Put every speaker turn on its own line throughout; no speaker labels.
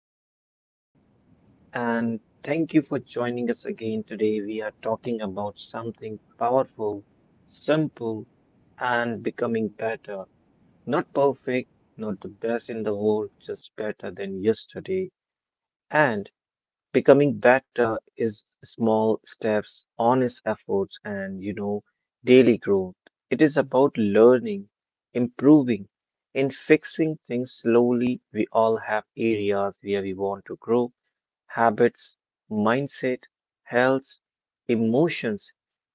welcome back, and thank you for joining us again today. We are talking about something powerful, simple, and becoming better. Not perfect, not the best in the world, just better than yesterday. And becoming better is small steps, honest efforts, and daily growth. It is about learning, improving, and fixing things slowly. We all have areas where we want to grow: habits, mindset, health, emotions.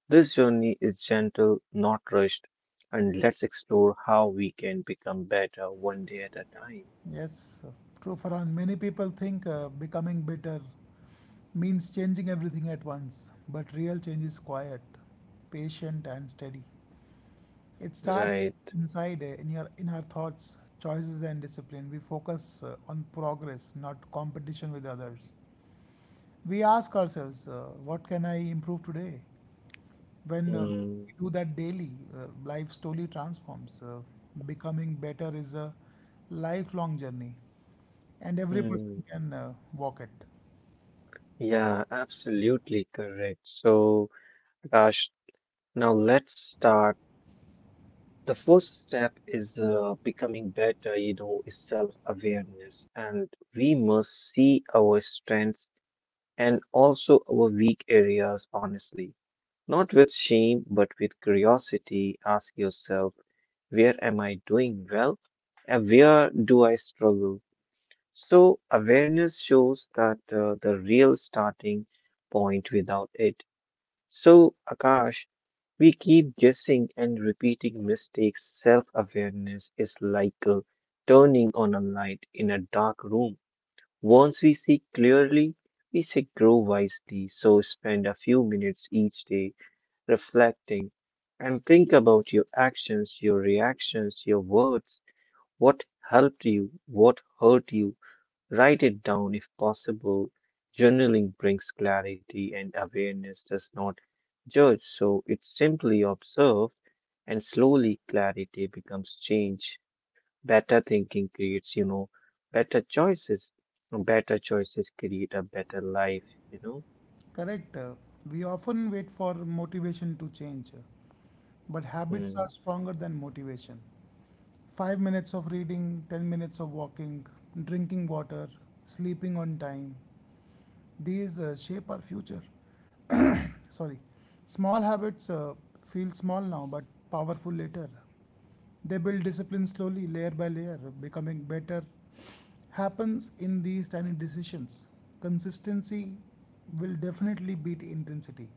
This journey is gentle, not rushed, and let's explore how we can become better one day at a time.
Yes, true, Farhan. Many people think becoming better means changing everything at once, but real change is quiet, patient, and steady. It starts
Right.
inside, in your in our thoughts, choices, and discipline. We focus on progress, not competition with others. We ask ourselves, "What can I improve today?" When we
Hmm.
do that daily, uh, life slowly transforms. Becoming better is a lifelong journey. And every person
Hmm.
can walk it.
Yeah, absolutely correct. So, Prakash, now let's start. The first step is becoming better is self-awareness, and we must see our strengths and also our weak areas honestly. Not with shame, but with curiosity. Ask yourself, where am I doing well? And where do I struggle? So, awareness shows that the real starting point without it. So, Akash, we keep guessing and repeating mistakes. Self awareness is like turning on a light in a dark room. Once we see clearly, we say grow wisely. So, spend a few minutes each day reflecting and think about your actions, your reactions, your words. What helped you? What hurt you? Write it down if possible. Journaling brings clarity and awareness does not judge, so it's simply observed and slowly clarity becomes change. Better thinking creates, better choices, and better choices create a better life, you know.
Correct. We often wait for motivation to change, but habits are
Mm,
stronger than motivation. 5 minutes of reading, 10 minutes of walking, drinking water, sleeping on time, these shape our future. Sorry. Small habits feel small now but powerful later. They build discipline slowly, layer by layer. Becoming better happens in these tiny decisions. Consistency will definitely beat intensity.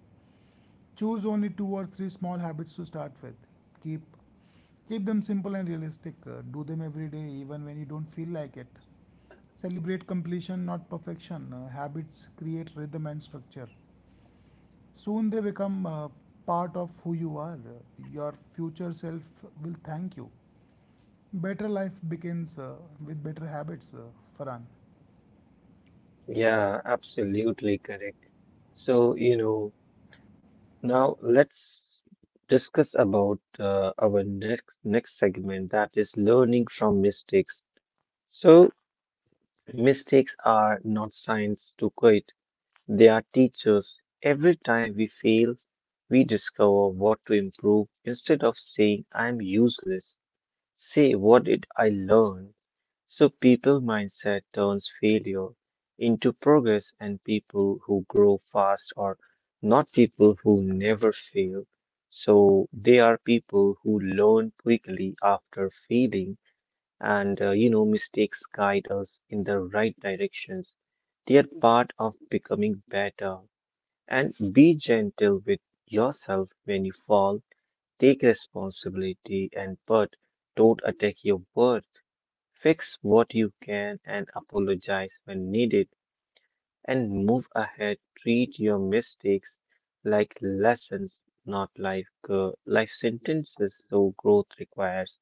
Choose only two or three small habits to start with. Keep keep them simple and realistic. Do them every day even when you don't feel like it. Celebrate completion, not perfection. Habits create rhythm and structure. Soon they become part of who you are. Your future self will thank you. Better life begins with better habits, Farhan.
Yeah, absolutely correct. So, now let's discuss about our next segment, that is learning from mistakes. So, mistakes are not signs to quit, they are teachers. Every time we fail, we discover what to improve. Instead of saying, I'm useless, say, what did I learn? So, people mindset turns failure into progress, and people who grow fast are not people who never fail. So, they are people who learn quickly after failing, and mistakes guide us in the right directions. They are part of becoming better, and be gentle with yourself when you fall. Take responsibility, and but don't attack your worth. Fix what you can and apologize when needed, and move ahead. Treat your mistakes like lessons, not like life sentences. So growth requires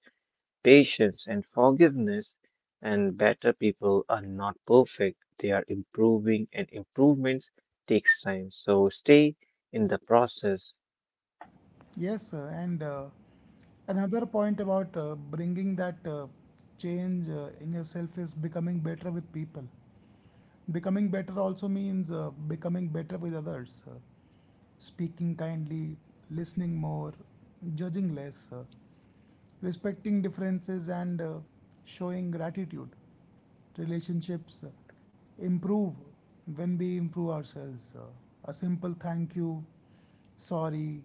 patience, and forgiveness. And better people are not perfect, they are improving, and improvements takes time. So stay in the process.
Yes, and another point about bringing that change in yourself is becoming better with people. Becoming better also means becoming better with others, speaking kindly, listening more, judging less. Respecting differences and showing gratitude. Relationships improve when we improve ourselves. A simple thank you, sorry,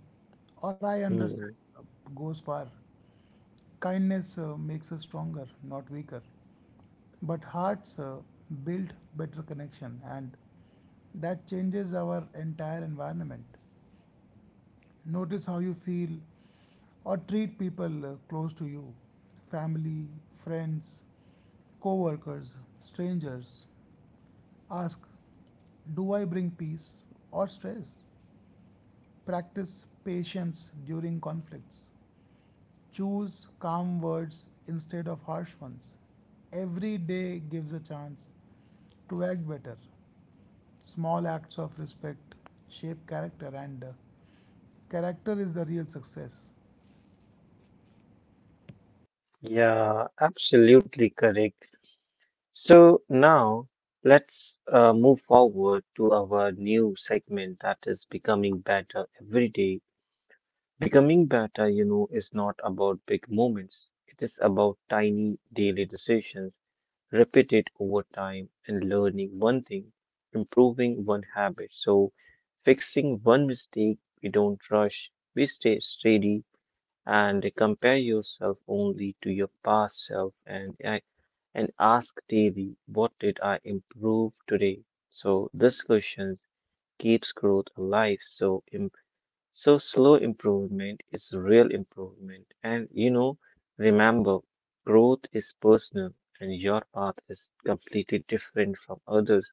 or I understand
Hmm.
uh, goes far. Kindness makes us stronger, not weaker. But hearts build better connection, and that changes our entire environment. Notice how you feel or treat people close to you: family, friends, co workers, strangers. Ask, do I bring peace or stress? Practice patience during conflicts. Choose calm words instead of harsh ones. Every day gives a chance to act better. Small acts of respect shape character, and character is the real success.
Yeah, absolutely correct. So now let's move forward to our new segment, that is becoming better every day. Becoming better is not about big moments. It is about tiny daily decisions repeat it over time, and learning one thing, improving one habit. So, fixing one mistake, we don't rush, we stay steady, and compare yourself only to your past self, and ask daily, what did I improve today? So, this question keeps growth alive. So, slow improvement is real improvement. And remember, growth is personal and your path is completely different from others.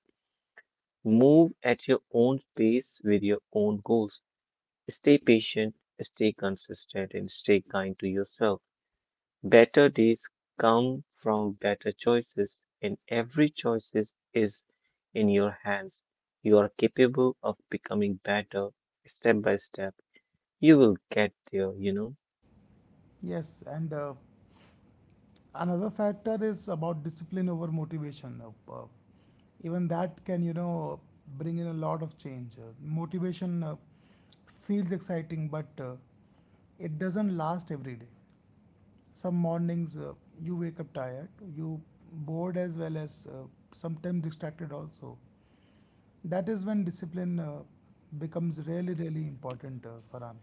Move at your own pace with your own goals. Stay patient, stay consistent, and stay kind to yourself. Better days come from better choices, and every choices is in your hands. You are capable of becoming better step by step. You will get there.
Yes, and another factor is about discipline over motivation. Uh, Even that can bring in a lot of change. Motivation feels exciting, but it doesn't last every day. Some mornings you wake up tired, you bored as well as sometimes distracted also. That is when discipline becomes really, really important, Farhan.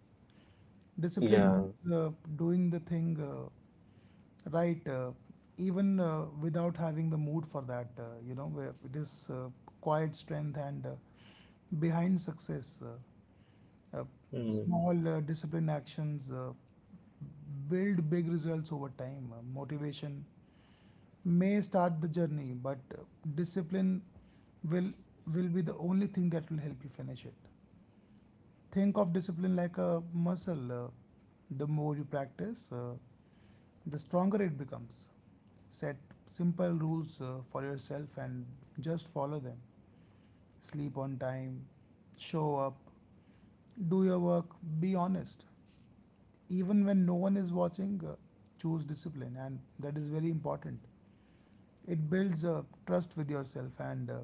Discipline
Yeah.
is doing the thing right, even without having the mood for that. Where it is quiet strength and behind success. Uh, uh,
Mm,
small disciplined actions build big results over time. Motivation may start the journey, but discipline will will be the only thing that will help you finish it. Think of discipline like a muscle. The more you practice, the stronger it becomes. Set simple rules for yourself and just follow them. Sleep on time, show up, do your work, be honest. Even when no one is watching, choose discipline, and that is very important. It builds trust with yourself, and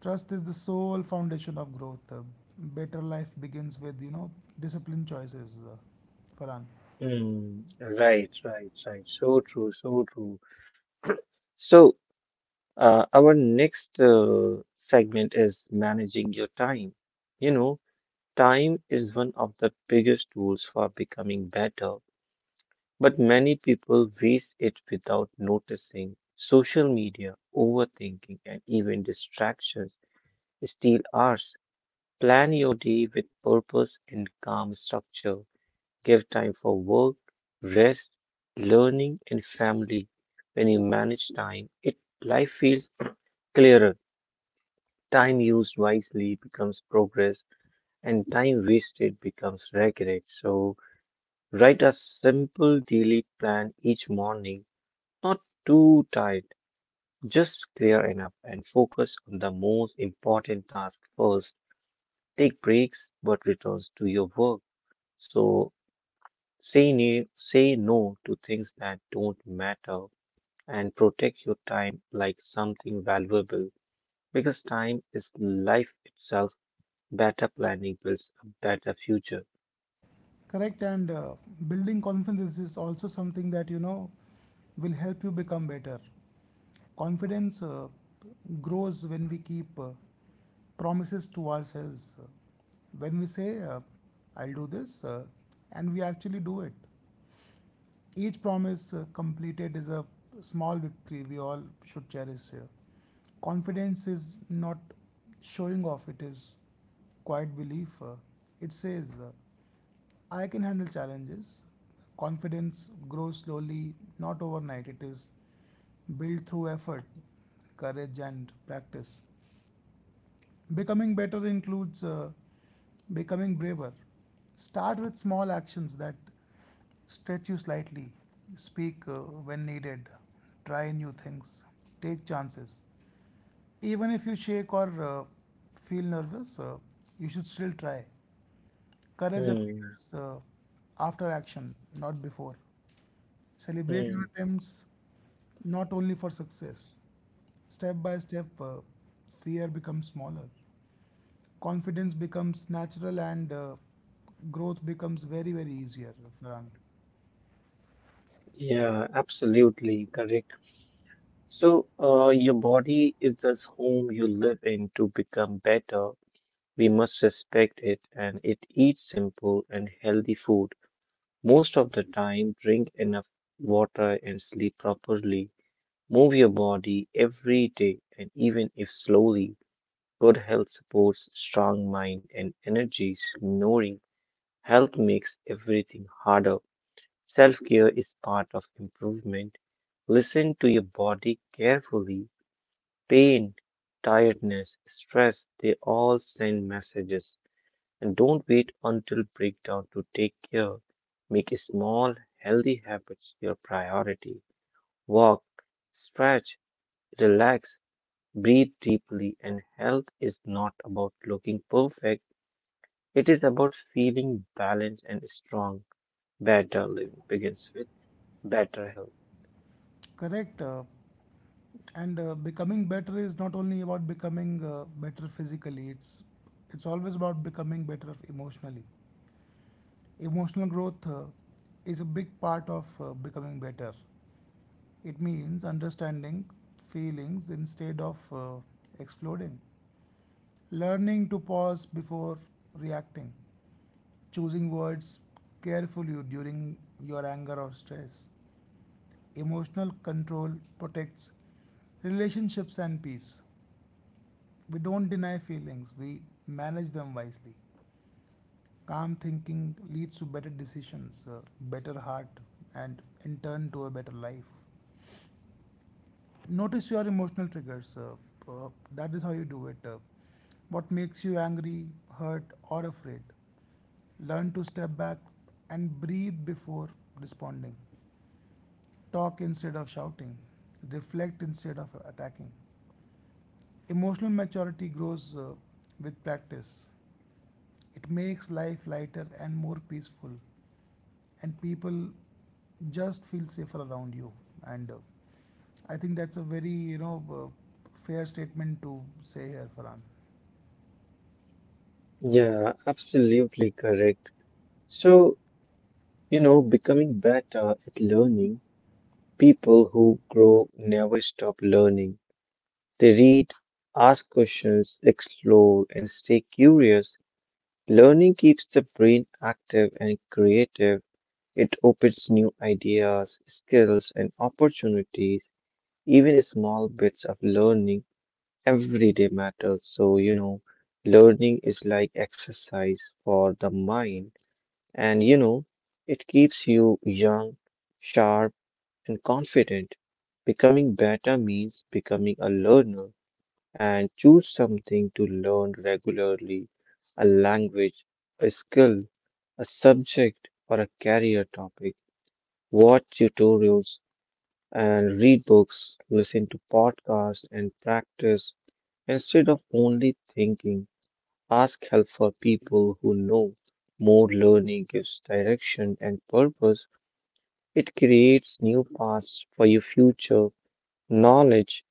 trust is the sole foundation of growth. Better life begins with disciplined choices. Farhan.
right, right, right. So true, so true. So, our next segment is managing your time. You know, time is one of the biggest tools for becoming better, but many people waste it without noticing. Social media, overthinking, and even distractions steal hours. Plan your day with purpose and calm structure. Give time for work, rest, learning, and family. When you manage time, it life feels clearer. Time used wisely becomes progress, and time wasted becomes regret. So write a simple daily plan each morning, not too tight, just clear enough, and focus on the most important task first. Take breaks, but returns to your work. So say no to things that don't matter, and protect your time like something valuable, because time is life itself. Better planning builds a better future.
Correct, and building confidence is also something that will help you become better. Confidence grows when we keep promises to ourselves. When we say, I'll do this, and we actually do it. Each promise completed is a small victory we all should cherish here. Confidence is not showing off, it is quiet belief. It says, I can handle challenges. Confidence grows slowly, not overnight. It is built through effort, courage, and practice. Becoming better includes becoming braver. Start with small actions that stretch you slightly: speak when needed, try new things, take chances. Even if you shake or feel nervous, you should still try. Courage
Hmm.
appears after action, not before. Celebrate your
Hmm.
attempts, not only for success. Step by step, fear becomes smaller. Confidence becomes natural and growth becomes very, very easier, Farhan.
Yeah, absolutely correct. So, your body is this home you live in to become better. We must respect it, and it eats simple and healthy food. Most of the time, drink enough water and sleep properly. Move your body every day, and even if slowly. Good health supports strong mind and energies. Ignoring health makes everything harder. Self care is part of improvement. Listen to your body carefully. Pain, tiredness, stress, they all send messages. And don't wait until breakdown to take care. Make small, healthy habits your priority. Walk, stretch, relax, breathe deeply, and health is not about looking perfect. It is about feeling balanced and strong. Better living begins with better health.
Correct. And becoming better is not only about becoming better physically, it's always about becoming better emotionally. Emotional growth is a big part of becoming better. It means understanding feelings instead of exploding, learning to pause before reacting, choosing words carefully during your anger or stress. Emotional control protects relationships and peace. We don't deny feelings, we manage them wisely. Calm thinking leads to better decisions, better heart, and in turn to a better life. Notice your emotional triggers. Uh, that is how you do it. What makes you angry, hurt, or afraid? Learn to step back and breathe before responding. Talk instead of shouting. Reflect instead of attacking. Emotional maturity grows with practice. It makes life lighter and more peaceful. And people just feel safer around you, and I think that's a very fair statement to say here, Farhan.
Yeah, absolutely correct. So, becoming better at learning, people who grow never stop learning. They read, ask questions, explore, and stay curious. Learning keeps the brain active and creative. It opens new ideas, skills, and opportunities. Even small bits of learning every day matters. So, learning is like exercise for the mind. And, it keeps you young, sharp, and confident. Becoming better means becoming a learner, and choose something to learn regularly, a language, a skill, a subject, or a career topic. Watch tutorials and read books, listen to podcasts, and practice. Instead of only thinking, ask help for people who know more. Learning gives direction and purpose. It creates new paths for your future. Knowledge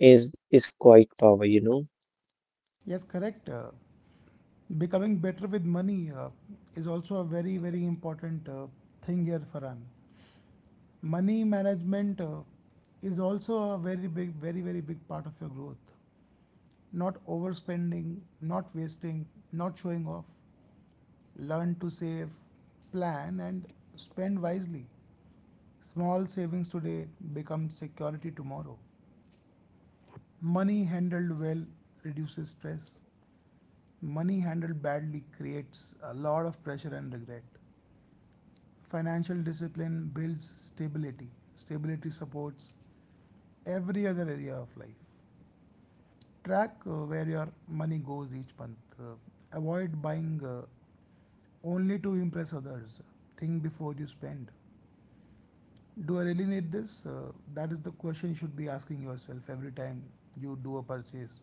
is quite power.
Yes, correct. Becoming better with money is also a very, very important thing here, Farhan. Money management is also a very big, very big part of your growth: not overspending, not wasting, not showing off. Learn to save, plan, and spend wisely. Small savings today become security tomorrow. Money handled well reduces stress. Money handled badly creates a lot of pressure and regret. Financial discipline builds stability. Stability supports every other area of life. Track where your money goes each month. Avoid buying only to impress others. Think before you spend. Do I really need this? That is the question you should be asking yourself every time you do a purchase.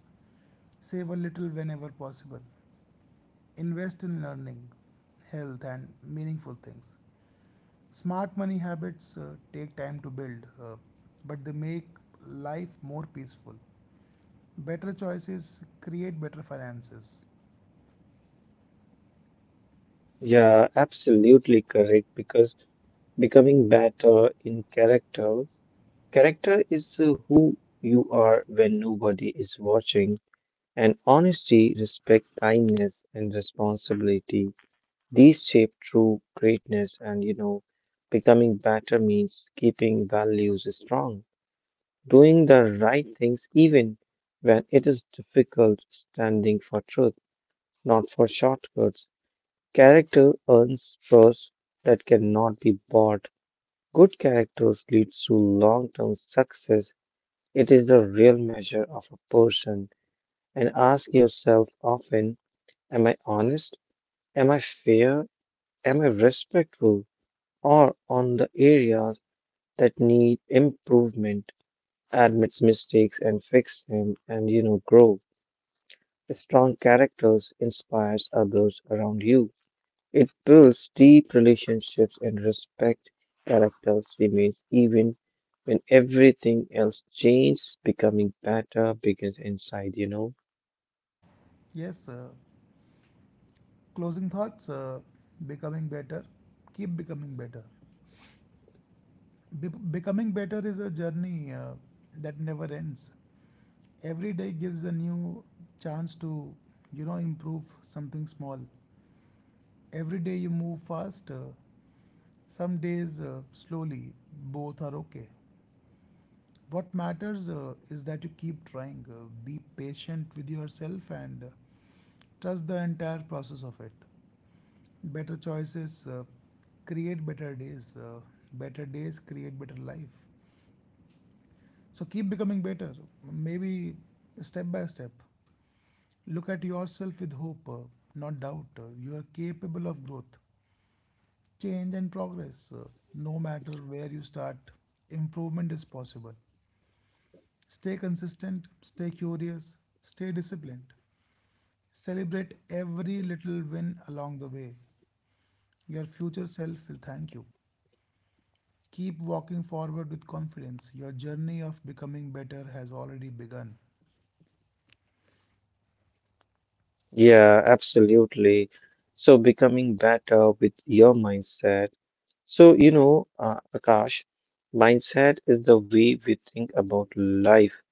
Save a little whenever possible. Invest in learning, health, and meaningful things. Smart money habits take time to build, but they make life more peaceful. Better choices create better finances.
Yeah, absolutely correct, because becoming better in character, character is who you are when nobody is watching, and honesty, respect, kindness, and responsibility, these shape true greatness, and becoming better means keeping values strong, doing the right things even when it is difficult, standing for truth, not for shortcuts. Character earns trust that cannot be bought. Good characters leads to long term success. It is the real measure of a person. And ask yourself often, am I honest? Am I fair? Am I respectful? Or on the areas that need improvement, admits mistakes and fix them, and grow. Strong characters inspires others around you. It builds deep relationships and respect. Characters remains even when everything else changes. Becoming better begins inside,
Yes, closing thoughts. Becoming better, keep becoming better. Becoming better is a journey that never ends. Every day gives a new chance to improve something small. Every day you move fast, some days slowly. Both are okay. What matters is that you keep trying. Be patient with yourself and trust the entire process of it. Better choices create better days, better days create better life. So keep becoming better, maybe step by step. Look at yourself with hope, not doubt. You are capable of growth, change, and progress. No matter where you start, improvement is possible. Stay consistent, stay curious, stay disciplined. Celebrate every little win along the way. Your future self will thank you. Keep walking forward with confidence. Your journey of becoming better has already begun.
Yeah, absolutely. So becoming better with your mindset. So, Akash, mindset is the way we think about life.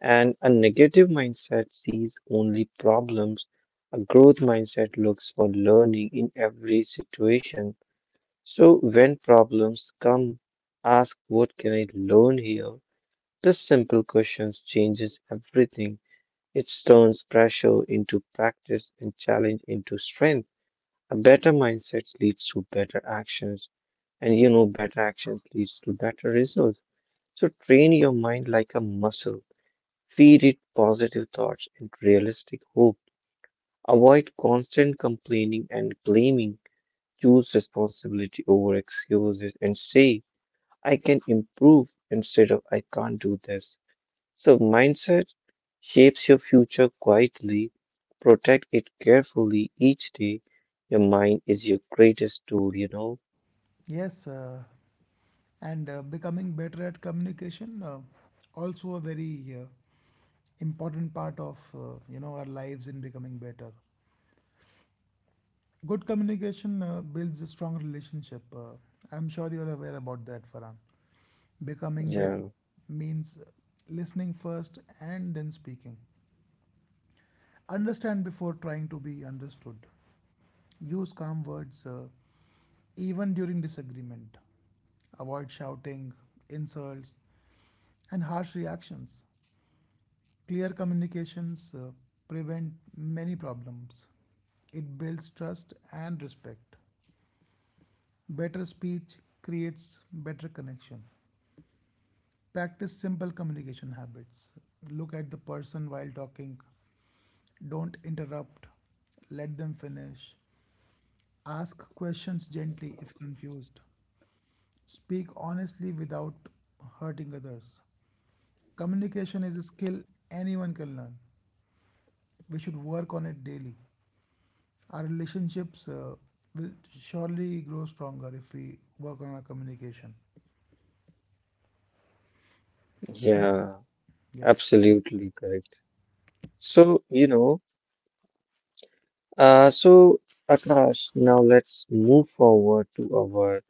And a negative mindset sees only problems. A growth mindset looks for learning in every situation. So, when problems come, ask what can I learn here? This simple question changes everything. It turns pressure into practice and challenge into strength. A better mindset leads to better actions, and better actions leads to better results. So train your mind like a muscle. Feed it positive thoughts and realistic hope. Avoid constant complaining and blaming. Choose responsibility over excuses and say, I can improve instead of I can't do this. So, mindset shapes your future quietly. Protect it carefully each day. Your mind is your greatest tool.
Yes, and becoming better at communication also a very important part of our lives in becoming better. Good communication builds a strong relationship. I'm sure you're aware about that, Farhan. Becoming better
Yeah,
means listening first and then speaking. Understand before trying to be understood. Use calm words even during disagreement. Avoid shouting, insults, and harsh reactions. Clear communications prevent many problems. It builds trust and respect. Better speech creates better connection. Practice simple communication habits. Look at the person while talking. Don't interrupt. Let them finish. Ask questions gently if confused. Speak honestly without hurting others. Communication is a skill anyone can learn. We should work on it daily. Our relationships will surely grow stronger if we work on our communication.
yeah,
Yeah.
absolutely correct. So, uh, so Akash, now let's move forward to our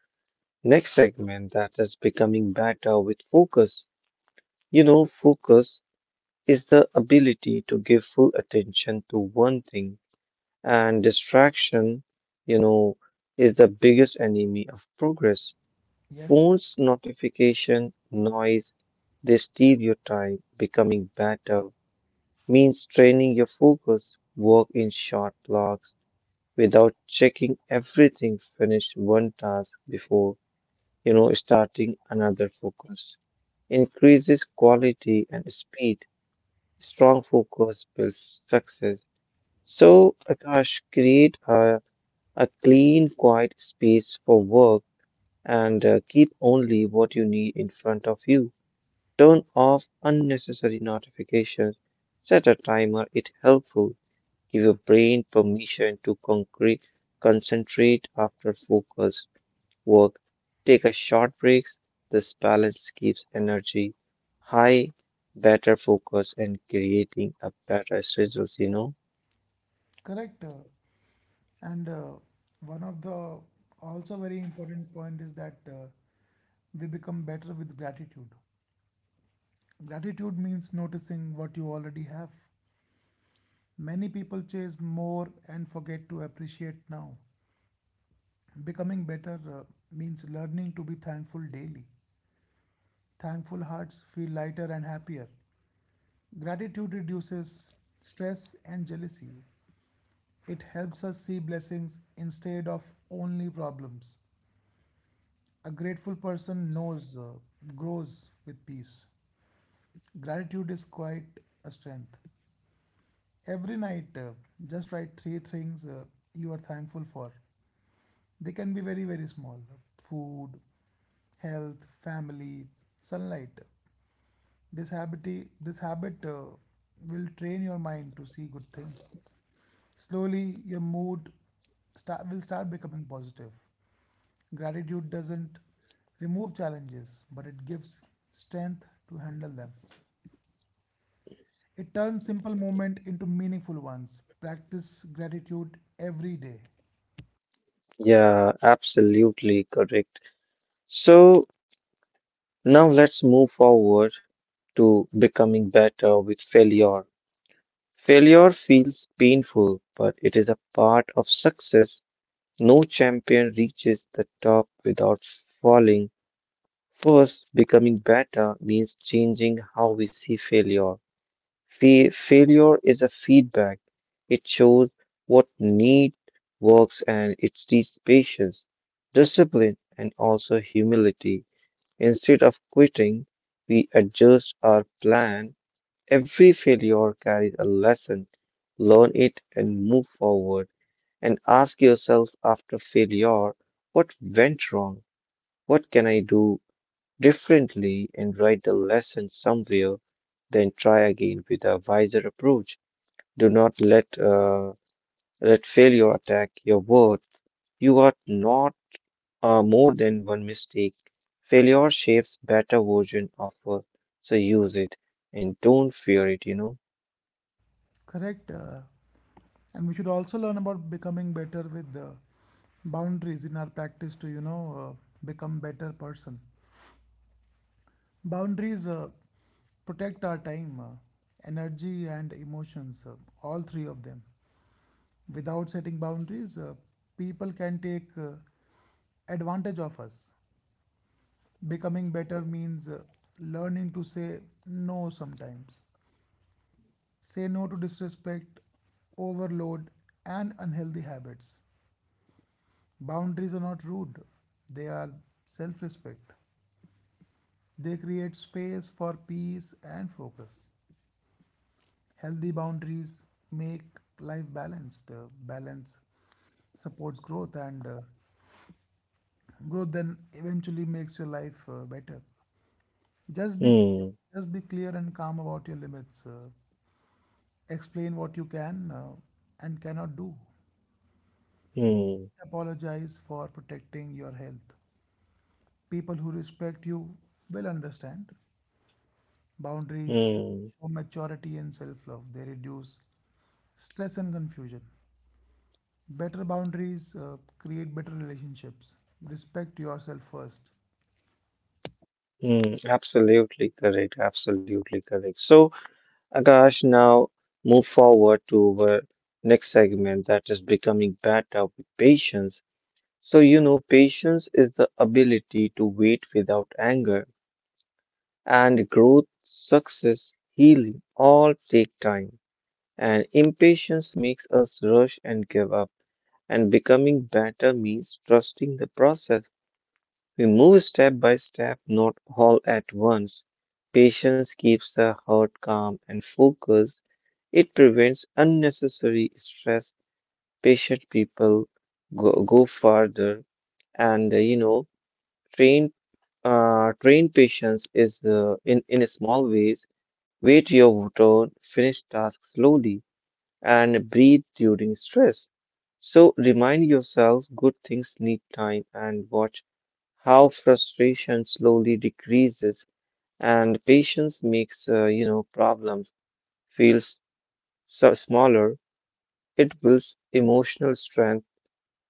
next segment, that is becoming better with focus. Focus is the ability to give full attention to one thing. And distraction, you know, is the biggest enemy of progress.
Yes.
Phones, notification, noise, they steal your time. Becoming better means training your focus, work in short blocks without checking everything, finish one task before, starting another. Focus increases quality and speed. Strong focus builds success. So, Akash, create a clean, quiet space for work, and keep only what you need in front of you. Turn off unnecessary notifications. Set a timer if helpful. Give your brain permission to concentrate after focused work. Take a short breaks. This balance keeps energy high, better focus, and creating a better results.
Correct. And one of the also very important point is that we become better with gratitude. Gratitude means noticing what you already have. Many people chase more and forget to appreciate now. Becoming better means learning to be thankful daily. Thankful hearts feel lighter and happier. Gratitude reduces stress and jealousy. It helps us see blessings instead of only problems. A grateful person knows, grows with peace. Gratitude is quite a strength. Every night, just write three things you are thankful for. They can be very, very small: food, health, family, sunlight. This habit, this habit will train your mind to see good things. Slowly, your mood will start becoming positive. Gratitude doesn't remove challenges, but it gives strength to handle them. It turns simple moments into meaningful ones. Practice gratitude every day.
Yeah, absolutely correct. So, now let's move forward to becoming better with failure. Failure feels painful, but it is a part of success. No champion reaches the top without falling. First, becoming better means changing how we see failure. Failure is a feedback. It shows what need works, and it teaches patience, discipline, and also humility. Instead of quitting, we adjust our plan. Every failure carries a lesson. Learn it and move forward. And ask yourself after failure, what went wrong? What can I do differently? And write the lesson somewhere, then try again with a wiser approach. Do not let failure attack your worth. You are not more than one mistake. Failure shapes better version of us, so use it and don't fear it,
Correct. And we should also learn about becoming better with the boundaries in our practice to become better person. Boundaries protect our time, energy and emotions, all three of them. Without setting boundaries, people can take advantage of us. Becoming better means learning to say no sometimes. Say no to disrespect, overload, and unhealthy habits. Boundaries are not rude, they are self respect. They create space for peace and focus. Healthy boundaries make life balanced. Balance supports growth, and growth then eventually makes your life better. Just be,
Hmm,
just be clear and calm about your limits. Explain what you can and cannot do.
hmm,
Apologize for protecting your health. People who respect you will understand. Boundaries
hmm,
show maturity and self love. They reduce stress and confusion. Better boundaries create better relationships. Respect yourself first.
hmm. Absolutely correct, absolutely correct. So, Akash, now move forward to our next segment, that is becoming better with patience. So, patience is the ability to wait without anger, and growth, success, healing all take time. And Impatience makes us rush and give up. And becoming better means trusting the process. We move step by step, not all at once. Patience keeps the heart calm and focused. It prevents unnecessary stress. Patient people go farther, and train train patience is in small ways. Wait your turn, finish tasks slowly and breathe during stress. So remind yourself good things need time and watch how frustration slowly decreases and patience makes problems feels so smaller. It builds emotional strength.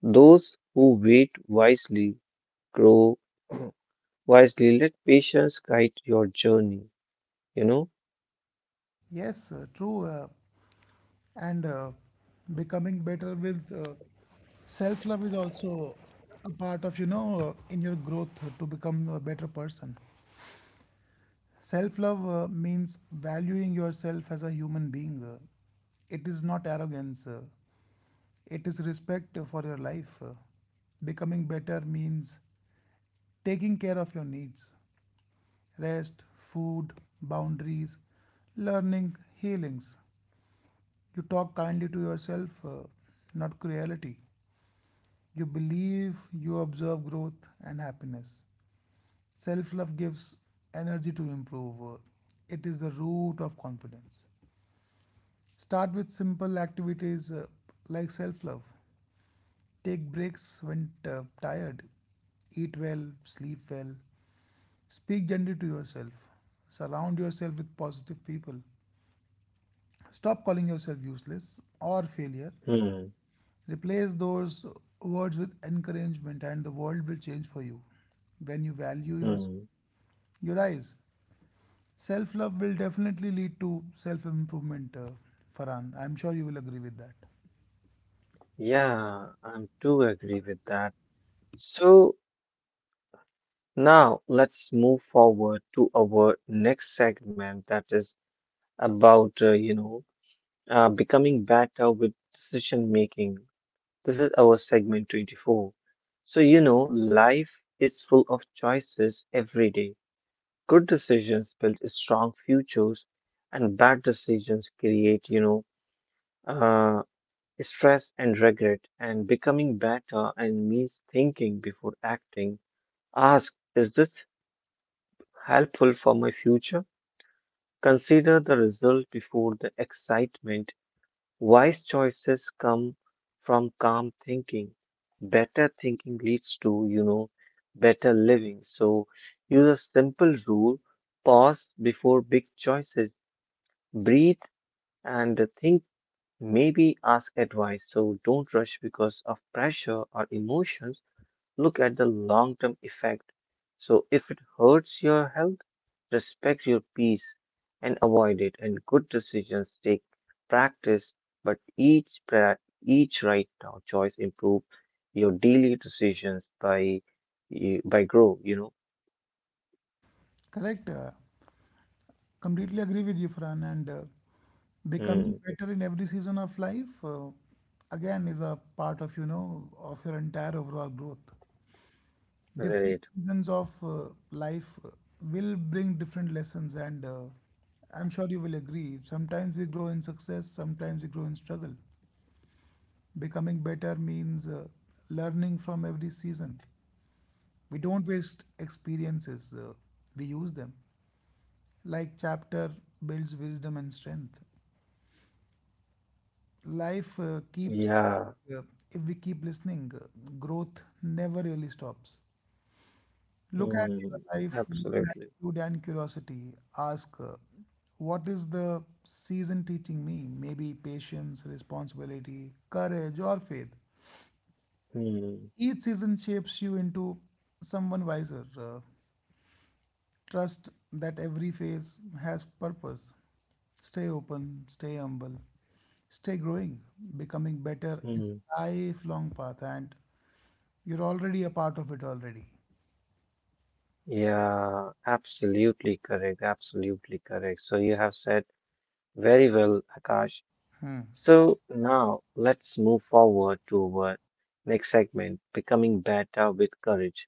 Those who wait wisely grow wisely. Let patience guide your journey. You know.
Yes, true. And Becoming better with self love is also a part of, you know, in your growth to become a better person. Self love means valuing yourself as a human being. It is not arrogance. It is respect for your life. Becoming better means taking care of your needs: rest, food, boundaries, learning, healings. You talk kindly to yourself, not cruelty. You believe, you observe growth and happiness. Self love gives energy to improve. It is the root of confidence. Start with simple activities like self love. Take breaks when tired. Eat well, sleep well. Speak gently to yourself. Surround yourself with positive people. Stop calling yourself useless or failure.
Hmm.
Replace those words with encouragement, and the world will change for you. When you value yourself,
Hmm.
your eyes, self love will definitely lead to self improvement, Farhan. I'm sure you will agree with that.
Yeah, I'm too agree with that. So now, let's move forward to our next segment that is about, becoming better with decision making. This is our segment 24. So, life is full of choices every day. Good decisions build strong futures, and bad decisions create, uh, stress and regret. And becoming better and means thinking before acting. Ask, is this helpful for my future? Consider the result before the excitement. Wise choices come from calm thinking. Better thinking leads to, better living. So use a simple rule. Pause before big choices. Breathe and think, maybe ask advice. So don't rush because of pressure or emotions. Look at the long term effect. So, if it hurts your health, respect your peace and avoid it. And good decisions take practice, but each right now choice improve your daily decisions by, by grow, you know?
Correct. Completely agree with you, Fran, and becoming
Hmm.
better in every season of life, again, is a part of, you know, of your entire overall growth. Different
Right.
seasons of life will bring different lessons, and I'm sure you will agree. Sometimes we grow in success, sometimes we grow in struggle. Becoming better means learning from every season. We don't waste experiences, we use them. Like chapter builds wisdom and strength. Life
Yeah.
uh, if we keep listening, growth never really stops. Look at
Hmm.
your life with
Absolutely.
gratitude and curiosity. Ask, what is the season teaching me? Maybe patience, responsibility, courage, or faith.
Hmm.
Each season shapes you into someone wiser. Trust that every phase has purpose. Stay open, stay humble, stay growing. Becoming better
Hmm.
is a lifelong path, and you're already a part of it already.
Yeah, absolutely correct. Absolutely correct. So you have said very well, Akash. So now let's move forward to our next segment, becoming better with courage.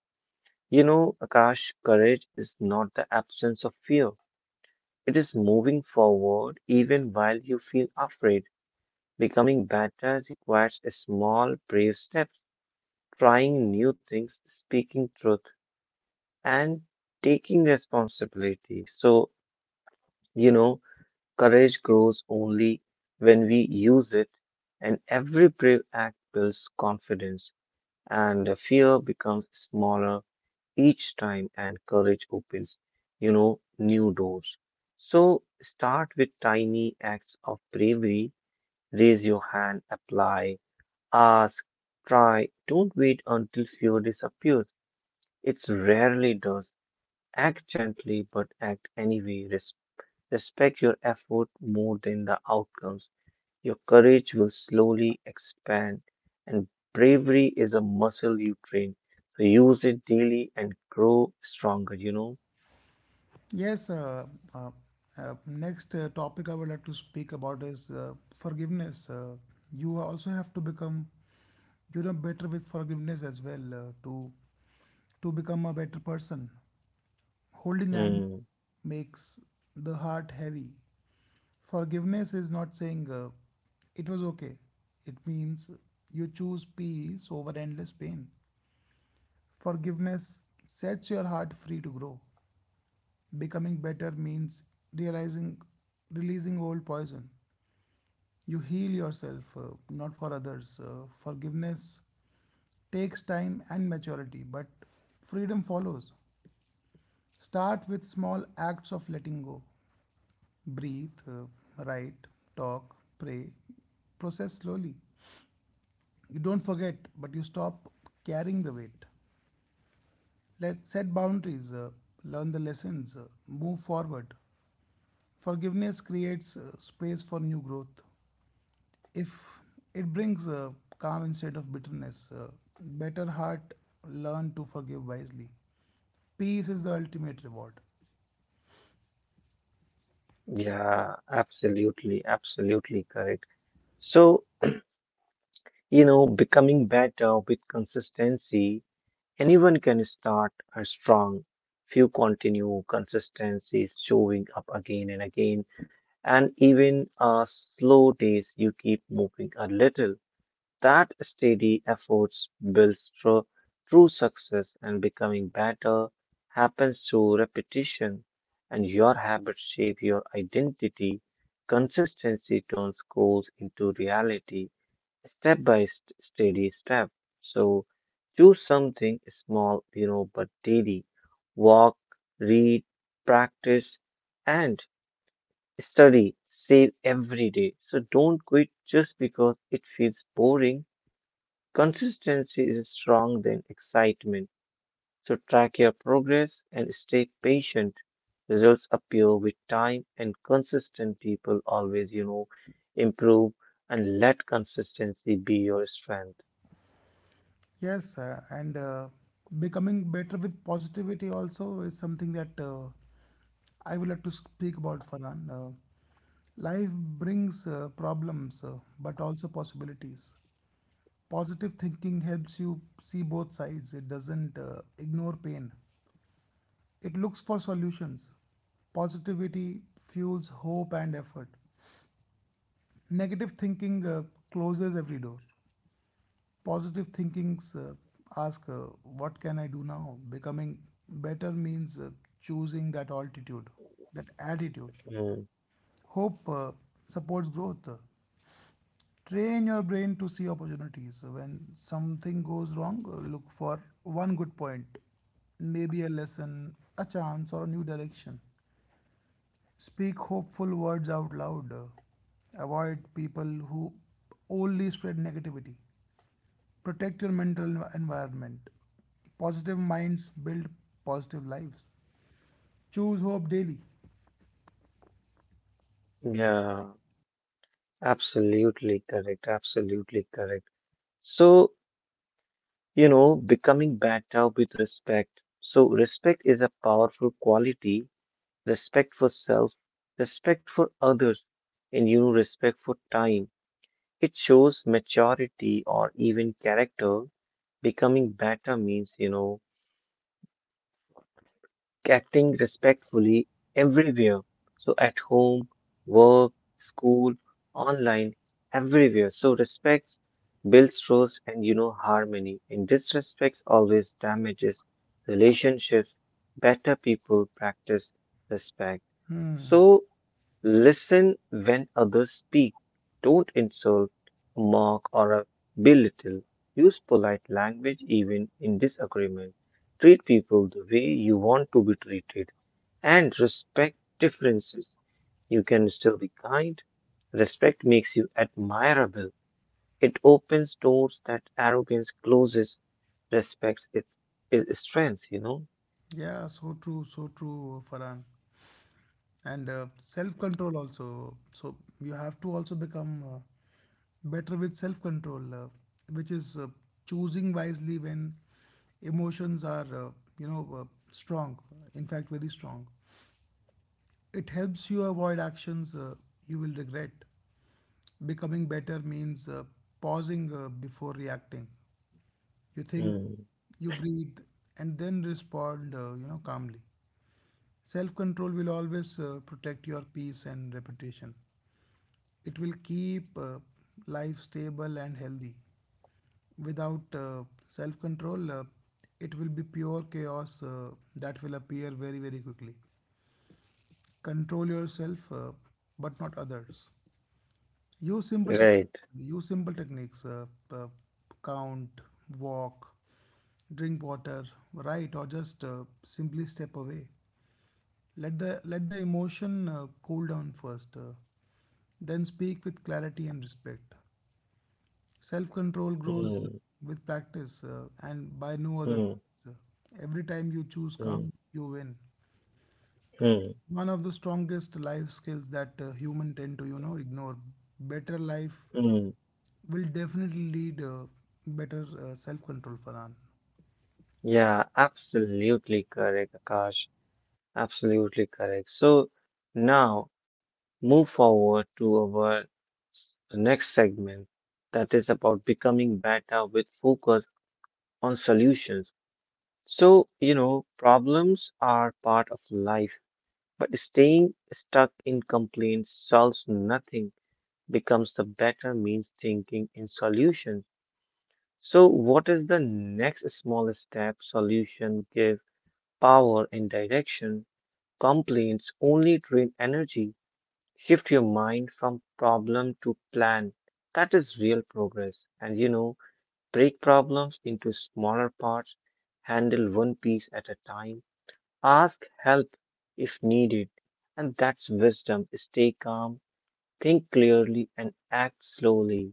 You know, Akash, courage is not the absence of fear. It is moving forward even while you feel afraid. Becoming better requires a small, brave steps, trying new things, speaking truth, and taking responsibility. So, you know, courage grows only when we use it, and every brave act builds confidence, and the fear becomes smaller each time, and courage opens, new doors. So start with tiny acts of bravery. Raise your hand, apply, ask, try. Don't wait until fear disappears. It rarely does. Act gently, but act anyway. Respect your effort more than the outcomes. Your courage will slowly expand, and bravery is a muscle you train. So use it daily and grow stronger, you know?
Yes, uh, uh, uh, next uh, topic I would like to speak about is forgiveness. You also have to become, you know, better with forgiveness as well to become a better person. Holding hand
Mm,
makes the heart heavy. Forgiveness is not saying it was okay. It means you choose peace over endless pain. Forgiveness sets your heart free to grow. Becoming better means realizing, releasing old poison. You heal yourself, not for others. Forgiveness takes time and maturity, but freedom follows. Start with small acts of letting go: breathe, write, talk, pray, process slowly. You don't forget, but you stop carrying the weight. Let set boundaries, learn the lessons, move forward. Forgiveness creates space for new growth. If it brings calm instead of bitterness, better heart learn to forgive wisely. Peace is the ultimate reward.
yeah, absolutely, absolutely correct. So, becoming better with consistency, anyone can start are strong. Few continue, consistency is showing up again and again, and even slow days, you keep moving a little. That steady efforts builds true success, and becoming better happens through repetition, and your habits shape your identity. Consistency turns goals into reality, steady step. So choose something small, you know, but daily. Walk, read, practice, and study, save every day. So don't quit just because it feels boring. Consistency is strong than excitement, so track your progress and stay patient. Results appear with time, and consistent people always, you know, improve, and let consistency be your strength.
Yes, and becoming better with positivity also is something that I would like to speak about, Farhan. Life brings problems, but also possibilities. Positive thinking helps you see both sides. It doesn't ignore pain, it looks for solutions. Positivity fuels hope and effort. Negative thinking closes every door. Positive thinkings ask, what can I do now? Becoming better means choosing that altitude, that attitude.
Mm,
Hope supports growth. Train your brain to see opportunities. When something goes wrong, look for one good point, maybe a lesson, a chance, or a new direction. Speak hopeful words out loud. Avoid people who only spread negativity. Protect your mental environment. Positive minds build positive lives. Choose hope daily.
yeah, absolutely correct. Absolutely correct. So, becoming better with respect. So, respect is a powerful quality, respect for self, respect for others, and, you know, respect for time. It shows maturity or even character. Becoming better means, acting respectfully everywhere. So at home, work, school, online, everywhere. So respect builds trust and, you know, harmony. And disrespect always damages relationships. Better people practice respect. So listen when others speak. Don't insult, mock, or belittle. Use polite language even in disagreement. Treat people the way you want to be treated and respect differences. You can still be kind. Respect makes you admirable. It opens doors that arrogance closes. Respect its, its strength, you know?
Yeah, so true, Farhan. And self control also. So you have to also become better with self control, which is choosing wisely when emotions are, you know, uh, strong. In fact, very strong. It helps you avoid actions you will regret. Becoming better means pausing before reacting. You think,
Mm,
you breathe, and then respond, calmly. Self-control will always protect your peace and reputation. It will keep life stable and healthy. Without self-control, it will be pure chaos that will appear very, very quickly. Control yourself, but not others. Use simple tech
right.
Use simple techniques. Uh, Count, walk, drink water, right, or just simply step away. Let the emotion cool down first. Then speak with clarity and respect. Self control grows
Mm,
with practice and by no other
mm,
means. Every time you choose
mm,
calm, you win.
mm,
One of the strongest life skills that human tend to, you know, ignore. Better life
mm.
will definitely lead better self control, Farhan.
Yeah, absolutely correct, Akash. Absolutely correct. So now move forward to our next segment that is about becoming better with focus on solutions. So, problems are part of life, but staying stuck in complaints solves nothing. Becomes the better means thinking in solutions. So, what is the next small step solution give power and direction? Complaints only drain energy. Shift your mind from problem to plan. That is real progress. And, break problems into smaller parts, handle one piece at a time, ask help if needed. And that's wisdom. Stay calm, think clearly, and act slowly.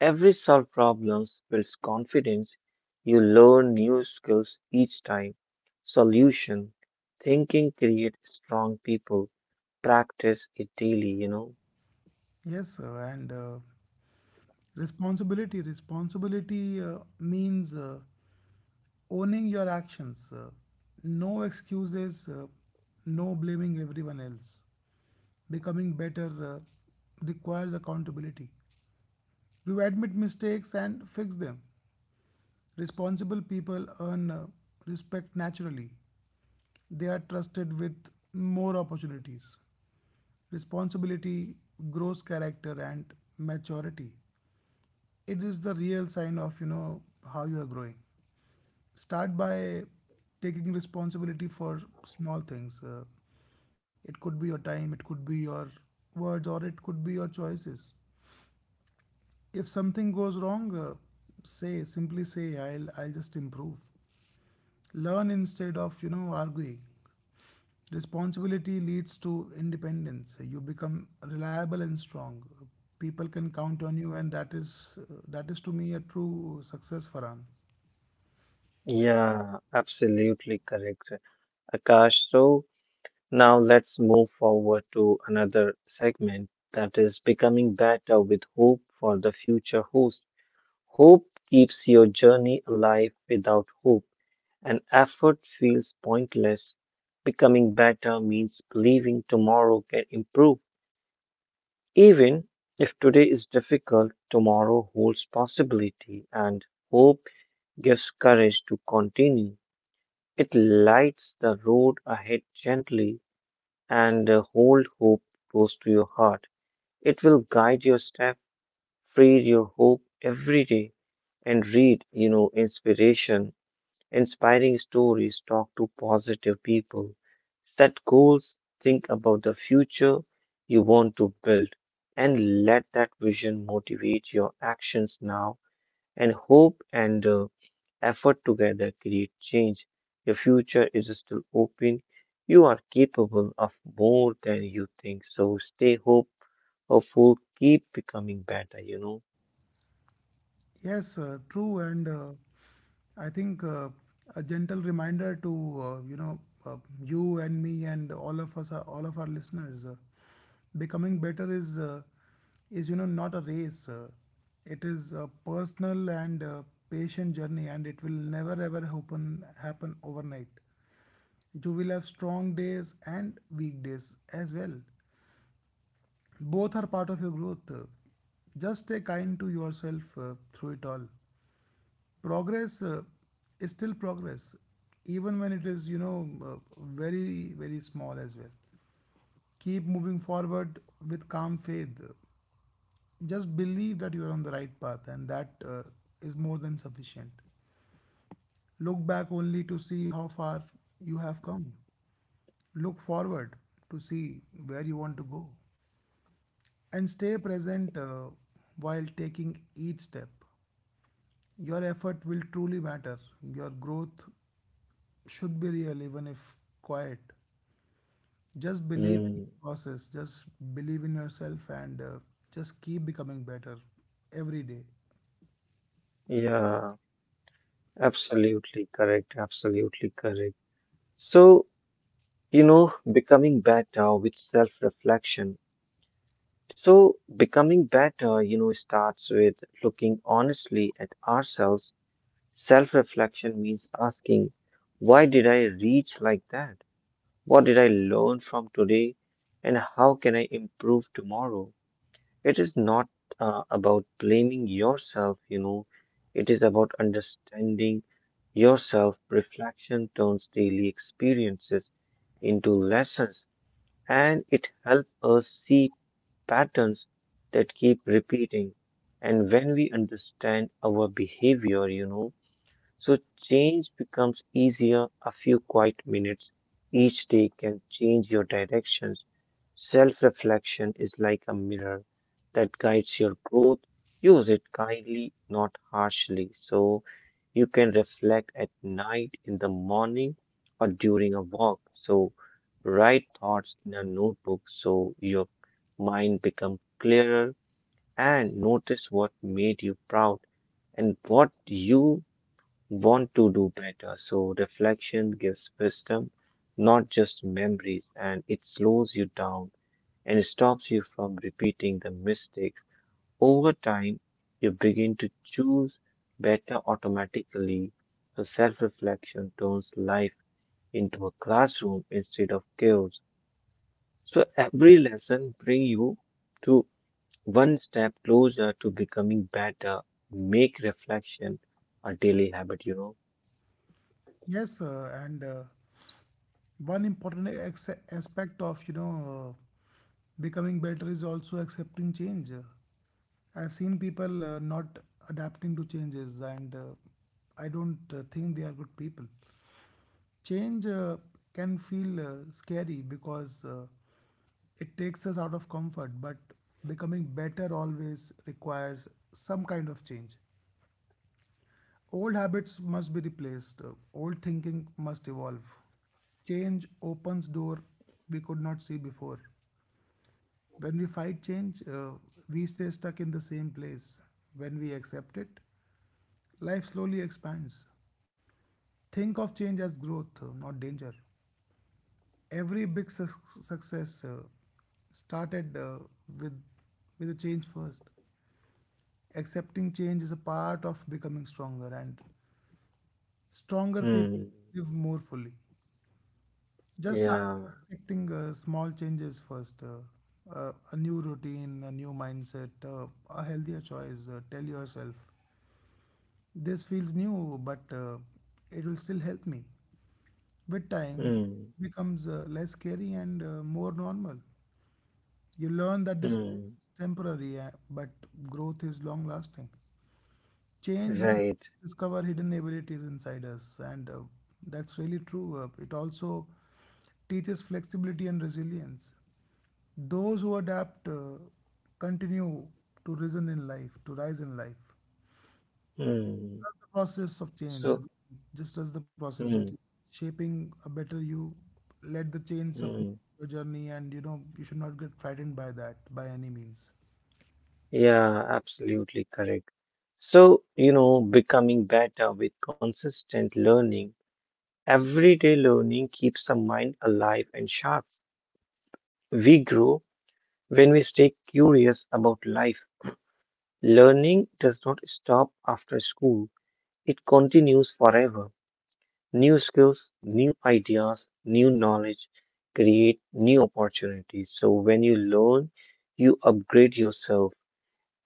Every solved problem builds confidence. You learn new skills each time. Solution thinking creates strong people. Practice it daily, you know.
Yes, and responsibility. Responsibility means owning your actions, no excuses, no blaming everyone else. Becoming better requires accountability. You admit mistakes and fix them. Responsible people earn respect naturally. They are trusted with more opportunities. Responsibility grows character and maturity. It is the real sign of, you know, how you are growing. Start by taking responsibility for small things. It could be your time, it could be your words, or it could be your choices. If something goes wrong, say, simply say, I'll just improve, learn instead of, you know, arguing. Responsibility leads to independence. You become reliable and strong. People can count on you, and that is to me a true success, Farhan.
Yeah, absolutely correct, Akash. So now let's move forward to another segment that is becoming better with hope for the future host. Hope keeps your journey alive. Without hope, an effort feels pointless. Becoming better means believing tomorrow can improve. Even if today is difficult, tomorrow holds possibility, and hope gives courage to continue. It lights the road ahead gently, and hold hope close to your heart. It will guide your step, feed your hope every day, and read, inspiring stories, talk to positive people, set goals, think about the future you want to build, and let that vision motivate your actions now. And hope and effort together create change. Your future is still open. You are capable of more than you think. So stay hopeful, keep becoming better, you know.
Yes, true, and I think a gentle reminder to you know you and me and all of us, all of our listeners, becoming better is you know not a race. It is a personal and patient journey, and it will never ever happen overnight. You will have strong days and weak days as well. Both are part of your growth. Just stay kind to yourself through it all. Progress is still progress, even when it is, you know, very, very small as well. Keep moving forward with calm faith. Just believe that you are on the right path, and that is more than sufficient. Look back only to see how far you have come. Look forward to see where you want to go, and stay present while taking each step. Your effort will truly matter. Your growth should be real, even if quiet. Just believe
Mm,
in the process, just believe in yourself, and just keep becoming better every day.
yeah, absolutely correct. Absolutely correct. So, becoming better with self-reflection. So, becoming better, you know, starts with looking honestly at ourselves. Self reflection means asking, why did I reach like that? What did I learn from today and how can I improve tomorrow? It is not about blaming yourself, you know, it is about understanding yourself. Reflection turns daily experiences into lessons, and it helps us see patterns that keep repeating. And when we understand our behavior, you know, so change becomes easier. A few quiet minutes each day can change your directions. Self reflection is like a mirror that guides your growth. Use it kindly, not harshly. So you can reflect at night, in the morning, or during a walk. So write thoughts in a notebook so your mind becomes clearer, and notice what made you proud and what you want to do better. So reflection gives wisdom, not just memories, and it slows you down and stops you from repeating the mistakes. Over time, you begin to choose better automatically. So self-reflection turns life into a classroom instead of chaos. So every lesson brings you to one step closer to becoming better. Make reflection a daily habit, you know.
Yes, and one important aspect of, you know, becoming better is also accepting change. I've seen people not adapting to changes, and I don't think they are good people. Change can feel scary because it takes us out of comfort, but becoming better always requires some kind of change. Old habits must be replaced. Old thinking must evolve. Change opens door we could not see before. When we fight change, we stay stuck in the same place. When we accept it, life slowly expands. Think of change as growth, not danger. Every big success started with a change first. Accepting change is a part of becoming stronger, and stronger people
Hmm.
live more fully. Just start
Yeah.
accepting small changes first. A new routine, a new mindset, a healthier choice. Tell yourself, this feels new, but it will still help me. With time,
Hmm.
it becomes less scary and more normal. You learn that this
Hmm.
is temporary, but growth is long lasting. Change helps
Right.
discover hidden abilities inside us, and that's really true. It also teaches flexibility and resilience. Those who adapt continue to reason in life, to rise in life. That's
Hmm.
the process of change.
So,
And just as the process, it is
hmm.
shaping a better you. Let the change support
Hmm.
your journey, and you know you should not get frightened by that by any means.
Yeah, absolutely correct. So, becoming better with consistent learning, everyday learning keeps the mind alive and sharp. We grow when we stay curious about life. Learning does not stop after school, it continues forever. New skills, new ideas, new knowledge create new opportunities. So when you learn, you upgrade yourself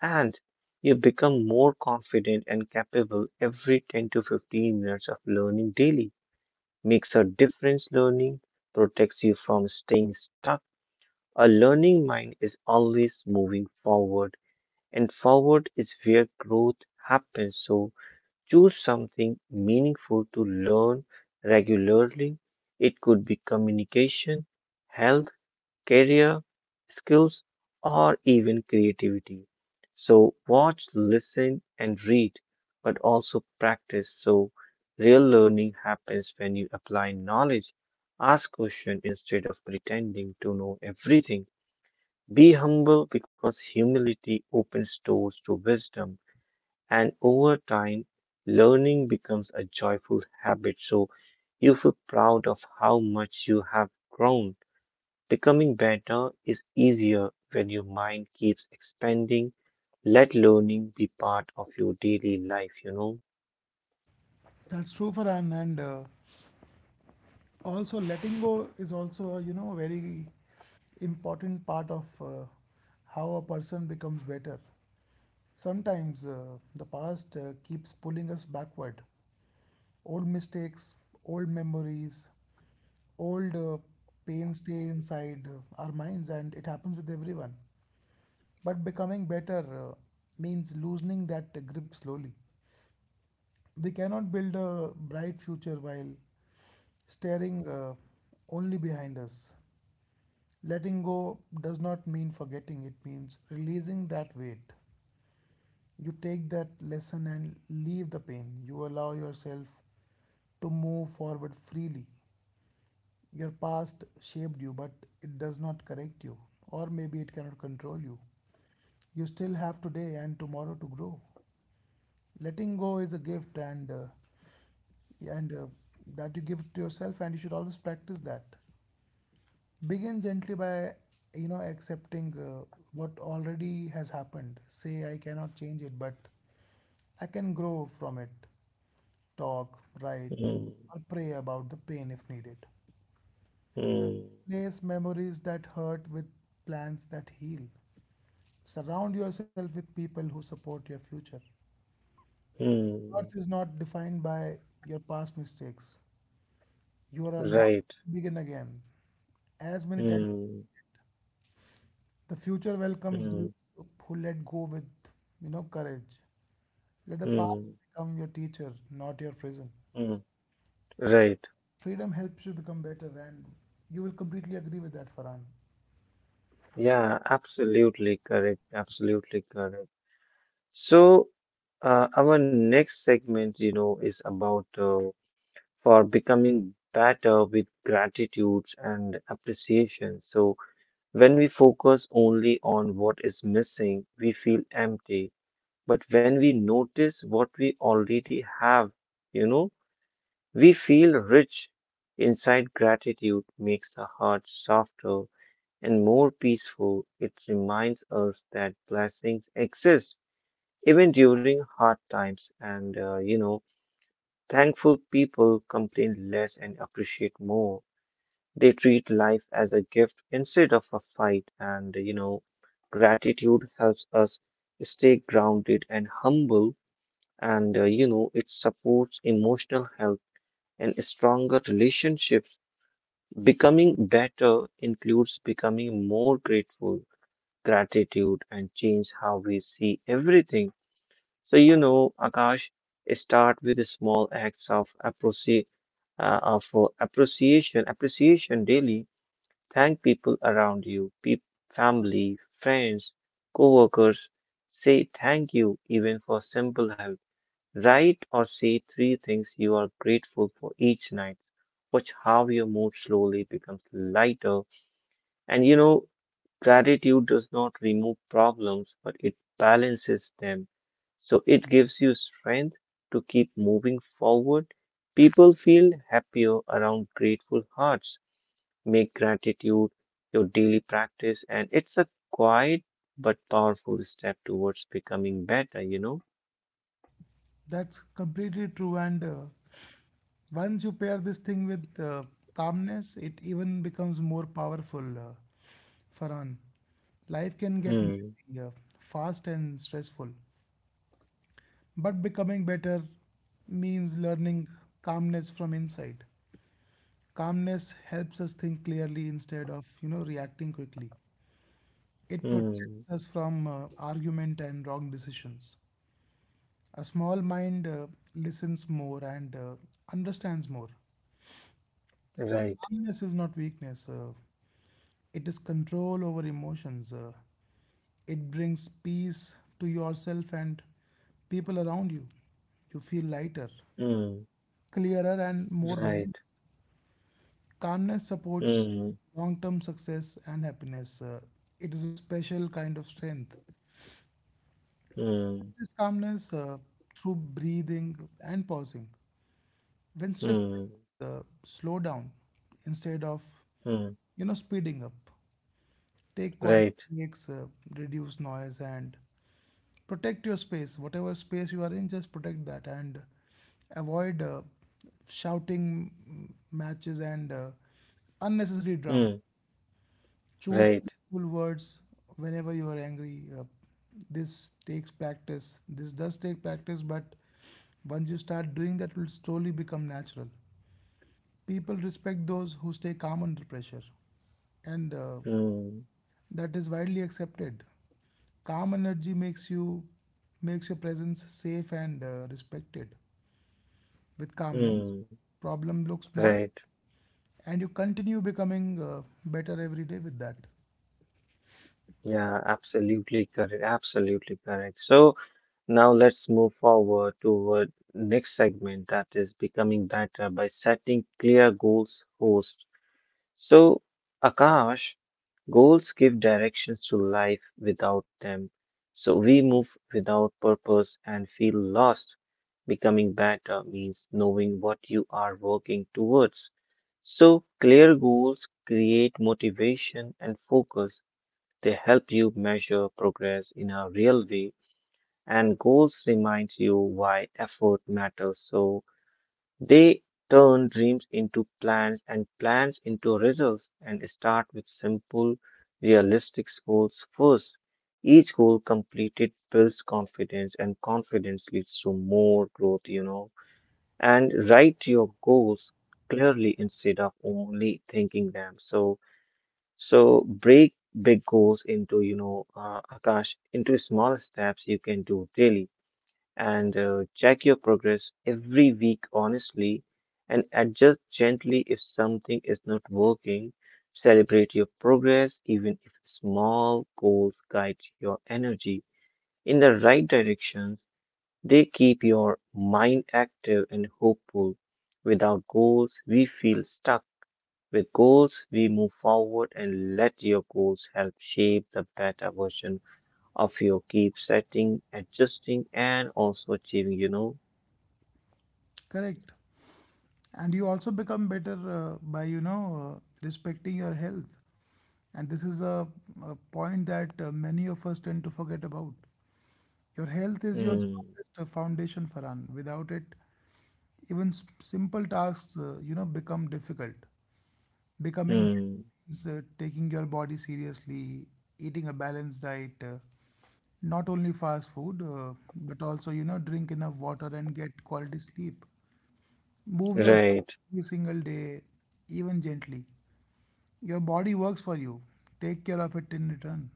and you become more confident and capable every 10 to 15 minutes of learning daily. Makes a difference. Learning protects you from staying stuck. A learning mind is always moving forward, and forward is where growth happens. So choose something meaningful to learn regularly. It could be communication, health, career, skills, or even creativity. So, watch, listen, and read, but also practice. So, real learning happens when you apply knowledge. Ask questions instead of pretending to know everything. Be humble because humility opens doors to wisdom. And over time, learning becomes a joyful habit. So you feel proud of how much you have grown. Becoming better is easier when your mind keeps expanding. Let learning be part of your daily life, you know?
That's true for Anne, and also letting go is also, you know, a very important part of how a person becomes better. Sometimes the past keeps pulling us backward, old mistakes, old memories, old pain stay inside our minds, and it happens with everyone. But becoming better means loosening that grip slowly. We cannot build a bright future while staring only behind us. Letting go does not mean forgetting, it means releasing that weight. You take that lesson and leave the pain. You allow yourself to move forward freely. Your past shaped you, but it does not correct you, or maybe it cannot control you. You still have today and tomorrow to grow. Letting go is a gift, and that you give to yourself, and you should always practice that. Begin gently by accepting what already has happened. Say I cannot change it, but I can grow from it. Talk, write,
Hmm.
or pray about the pain if needed.
Hmm.
Replace memories that hurt with plans that heal. Surround yourself with people who support your future.
Mm,
Worth is not defined by your past mistakes. You are allowed
right.
to begin again, as many times.
Hmm.
The future welcomes
Hmm.
those who let go with, courage. Let the past
Hmm.
become your teacher, not your prison.
Mm, right.
Freedom helps you become better, and you will completely agree with that, Farhan.
Yeah, absolutely correct. Absolutely correct. So, our next segment, you know, is about for becoming better with gratitudes and appreciation. So, when we focus only on what is missing, we feel empty. But when we notice what we already have, you know, we feel rich. Inside gratitude makes the heart softer and more peaceful. It reminds us that blessings exist even during hard times. And thankful people complain less and appreciate more. They treat life as a gift instead of a fight. And, you know, gratitude helps us stay grounded and humble. And it supports emotional health and stronger relationships. Becoming better includes becoming more grateful. Gratitude and change how we see everything. So, you know, Akash, start with small acts of appreciation daily. Thank people around you, peop family, friends, co-workers. Say thank you even for simple help. Write or say three things you are grateful for each night. Watch how your mood slowly becomes lighter. And, you know, gratitude does not remove problems, but it balances them. So it gives you strength to keep moving forward. People feel happier around grateful hearts. Make gratitude your daily practice, and it's a quiet but powerful step towards becoming better, you know?
That's completely true, and once you pair this thing with calmness, it even becomes more powerful. Farhan, life can get
Hmm,
messy, fast and stressful, but becoming better means learning calmness from inside. Calmness helps us think clearly instead of reacting quickly. It protects
hmm,
us from argument and wrong decisions. A small mind listens more and understands more.
right,
Calmness is not weakness. It is control over emotions. It brings peace to yourself and people around you. You feel lighter,
hmm,
clearer, and more balanced.
right,
Calmness supports
hmm,
long term success and happiness. It is a special kind of strength.
hmm,
This calmness through breathing and pausing. When stress
hmm,
rises, slow down instead of
hmm,
speeding up. Take quiet
right,
breaks, reduce noise, and protect your space, whatever space you are in, just protect that. And avoid shouting matches and unnecessary drama.
hmm,
Choose
right,
peaceful words whenever you are angry. Uh, this does take practice, but once you start doing that it will slowly become natural. People respect those who stay calm under pressure, and
hmm.
that is widely accepted. Calm energy makes your presence safe and, respected. With calmness,
Hmm.
problem looks small,
Right.
and you continue becoming better every day with that.
Yeah, absolutely correct. Absolutely correct. So now let's move forward toward next segment that is becoming better by setting clear goals host. So Akash, goals give directions to life without them. So we move without purpose and feel lost. Becoming better means knowing what you are working towards. So clear goals create motivation and focus. They help you measure progress in a real way, and goals remind you why effort matters. So they turn dreams into plans and plans into results and start with simple, realistic goals first. Each goal completed builds confidence, and confidence leads to more growth, you know. And write your goals clearly instead of only thinking them. So break big goals into, you know, Akash, into small steps you can do daily and check your progress every week honestly and adjust gently if something is not working. Celebrate your progress even if small goals guide your energy in the right direction. They keep your mind active and hopeful. Without goals, we feel stuck with goals, we move forward and let your goals help shape the better version of you. Keep setting, adjusting, and also achieving, you know?
Correct. And you also become better by respecting your health. And this is a point that many of us tend to forget about. Your health is your
Hmm,
strongest foundation, Farhan. Without it, even simple tasks, you know, become difficult. Becoming
hmm,
means taking your body seriously, eating a balanced diet, not only fast food, but also, you know, drink enough water and get quality sleep. Move your
right.
body every single day, even gently. Your body works for you. Take care of it in return.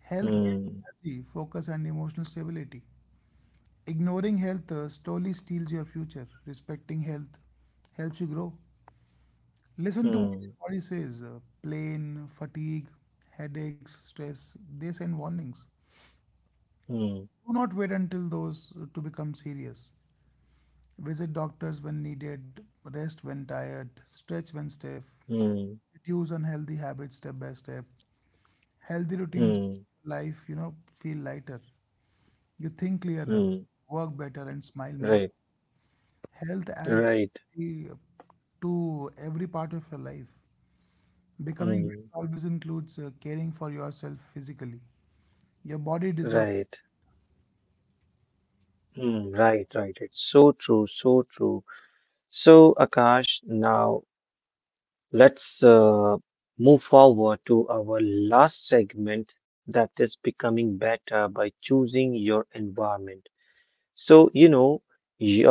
Health gives
Hmm,
energy, focus, and emotional stability. Ignoring health slowly steals your future. Respecting health helps you grow. Listen to what
hmm,
your body says: pain, fatigue, headaches, stress. They send warnings.
hmm,
Do not wait until those to become serious. Visit doctors when needed, rest when tired, stretch when stiff,
hmm,
reduce unhealthy habits step by step. Healthy routines
hmm,
make life, you know, feel lighter. You think clearer,
hmm,
work better, and smile more.
right,
Health adds
right,
uh, to every part of your life. Becoming
hmm,
better always includes caring for yourself physically. Your body deserves.
right. Hmm, right, right. It's so true, so true. So, Akash, now let's move forward to our last segment that is becoming better by choosing your environment. So, you know, your,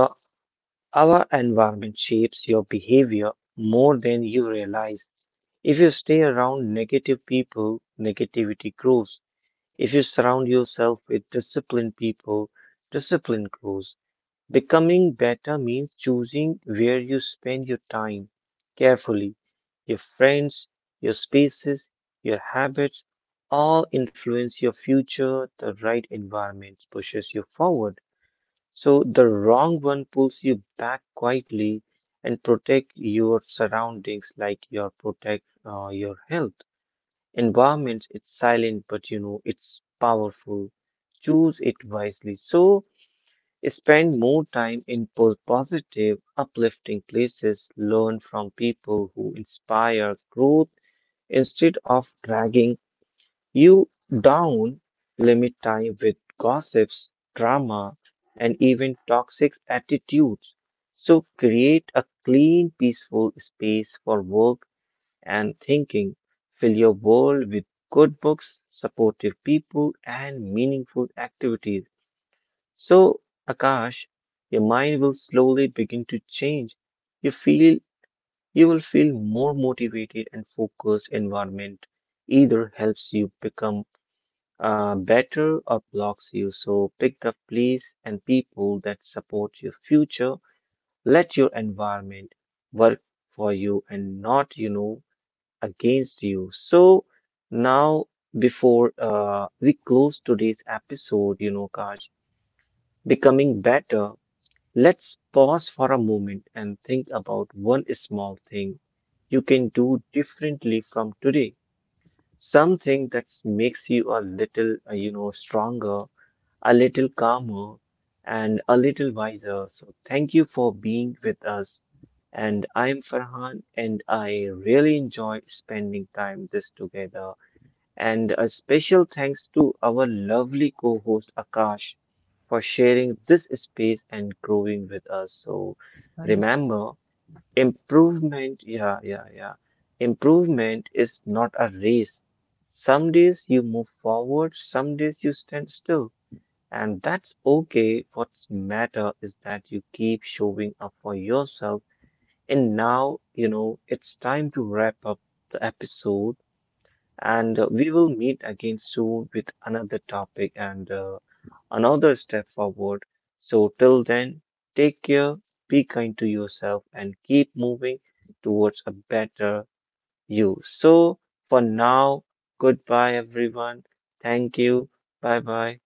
our environment shapes your behavior more than you realize. If you stay around negative people, negativity grows. If you surround yourself with disciplined people, discipline grows. Becoming better means choosing where you spend your time carefully. Your friends, your spaces, your habits all influence your future. The right environment pushes you forward. So the wrong one pulls you back quietly and protect your surroundings like your protect your health. Environment, it's silent, but you know, it's powerful. Choose it wisely. So spend more time in positive, uplifting places, learn from people who inspire growth instead of dragging you down, limit time with gossips, drama, and even toxic attitudes. So create a clean, peaceful space for work and thinking. Fill your world with good books, supportive people, and meaningful activities. So, Akash, your mind will slowly begin to change. You feel you will feel more motivated and focused environment either helps you become better or blocks you. So pick the place and people that support your future. Let your environment work for you and not, you know, against you. So now before we close today's episode, you know, Akash, becoming better, let's pause for a moment and think about one small thing you can do differently from today. Something that makes you a little, you know, stronger, a little calmer, and a little wiser. So thank you for being with us. And I'm Farhan, and I really enjoy spending time this together. And a special thanks to our lovely co-host Akash for sharing this space and growing with us. So
Thank you. So
remember, improvement, yeah, yeah, yeah. Improvement is not a race. Some days you move forward, some days you stand still. And that's okay. What's matter is that you keep showing up for yourself. And now, you know, it's time to wrap up the episode. And we will meet again soon with another topic. And another step forward. So, till then, take care, be kind to yourself, and keep moving towards a better you. So, for now, goodbye, everyone. Thank you. Bye bye.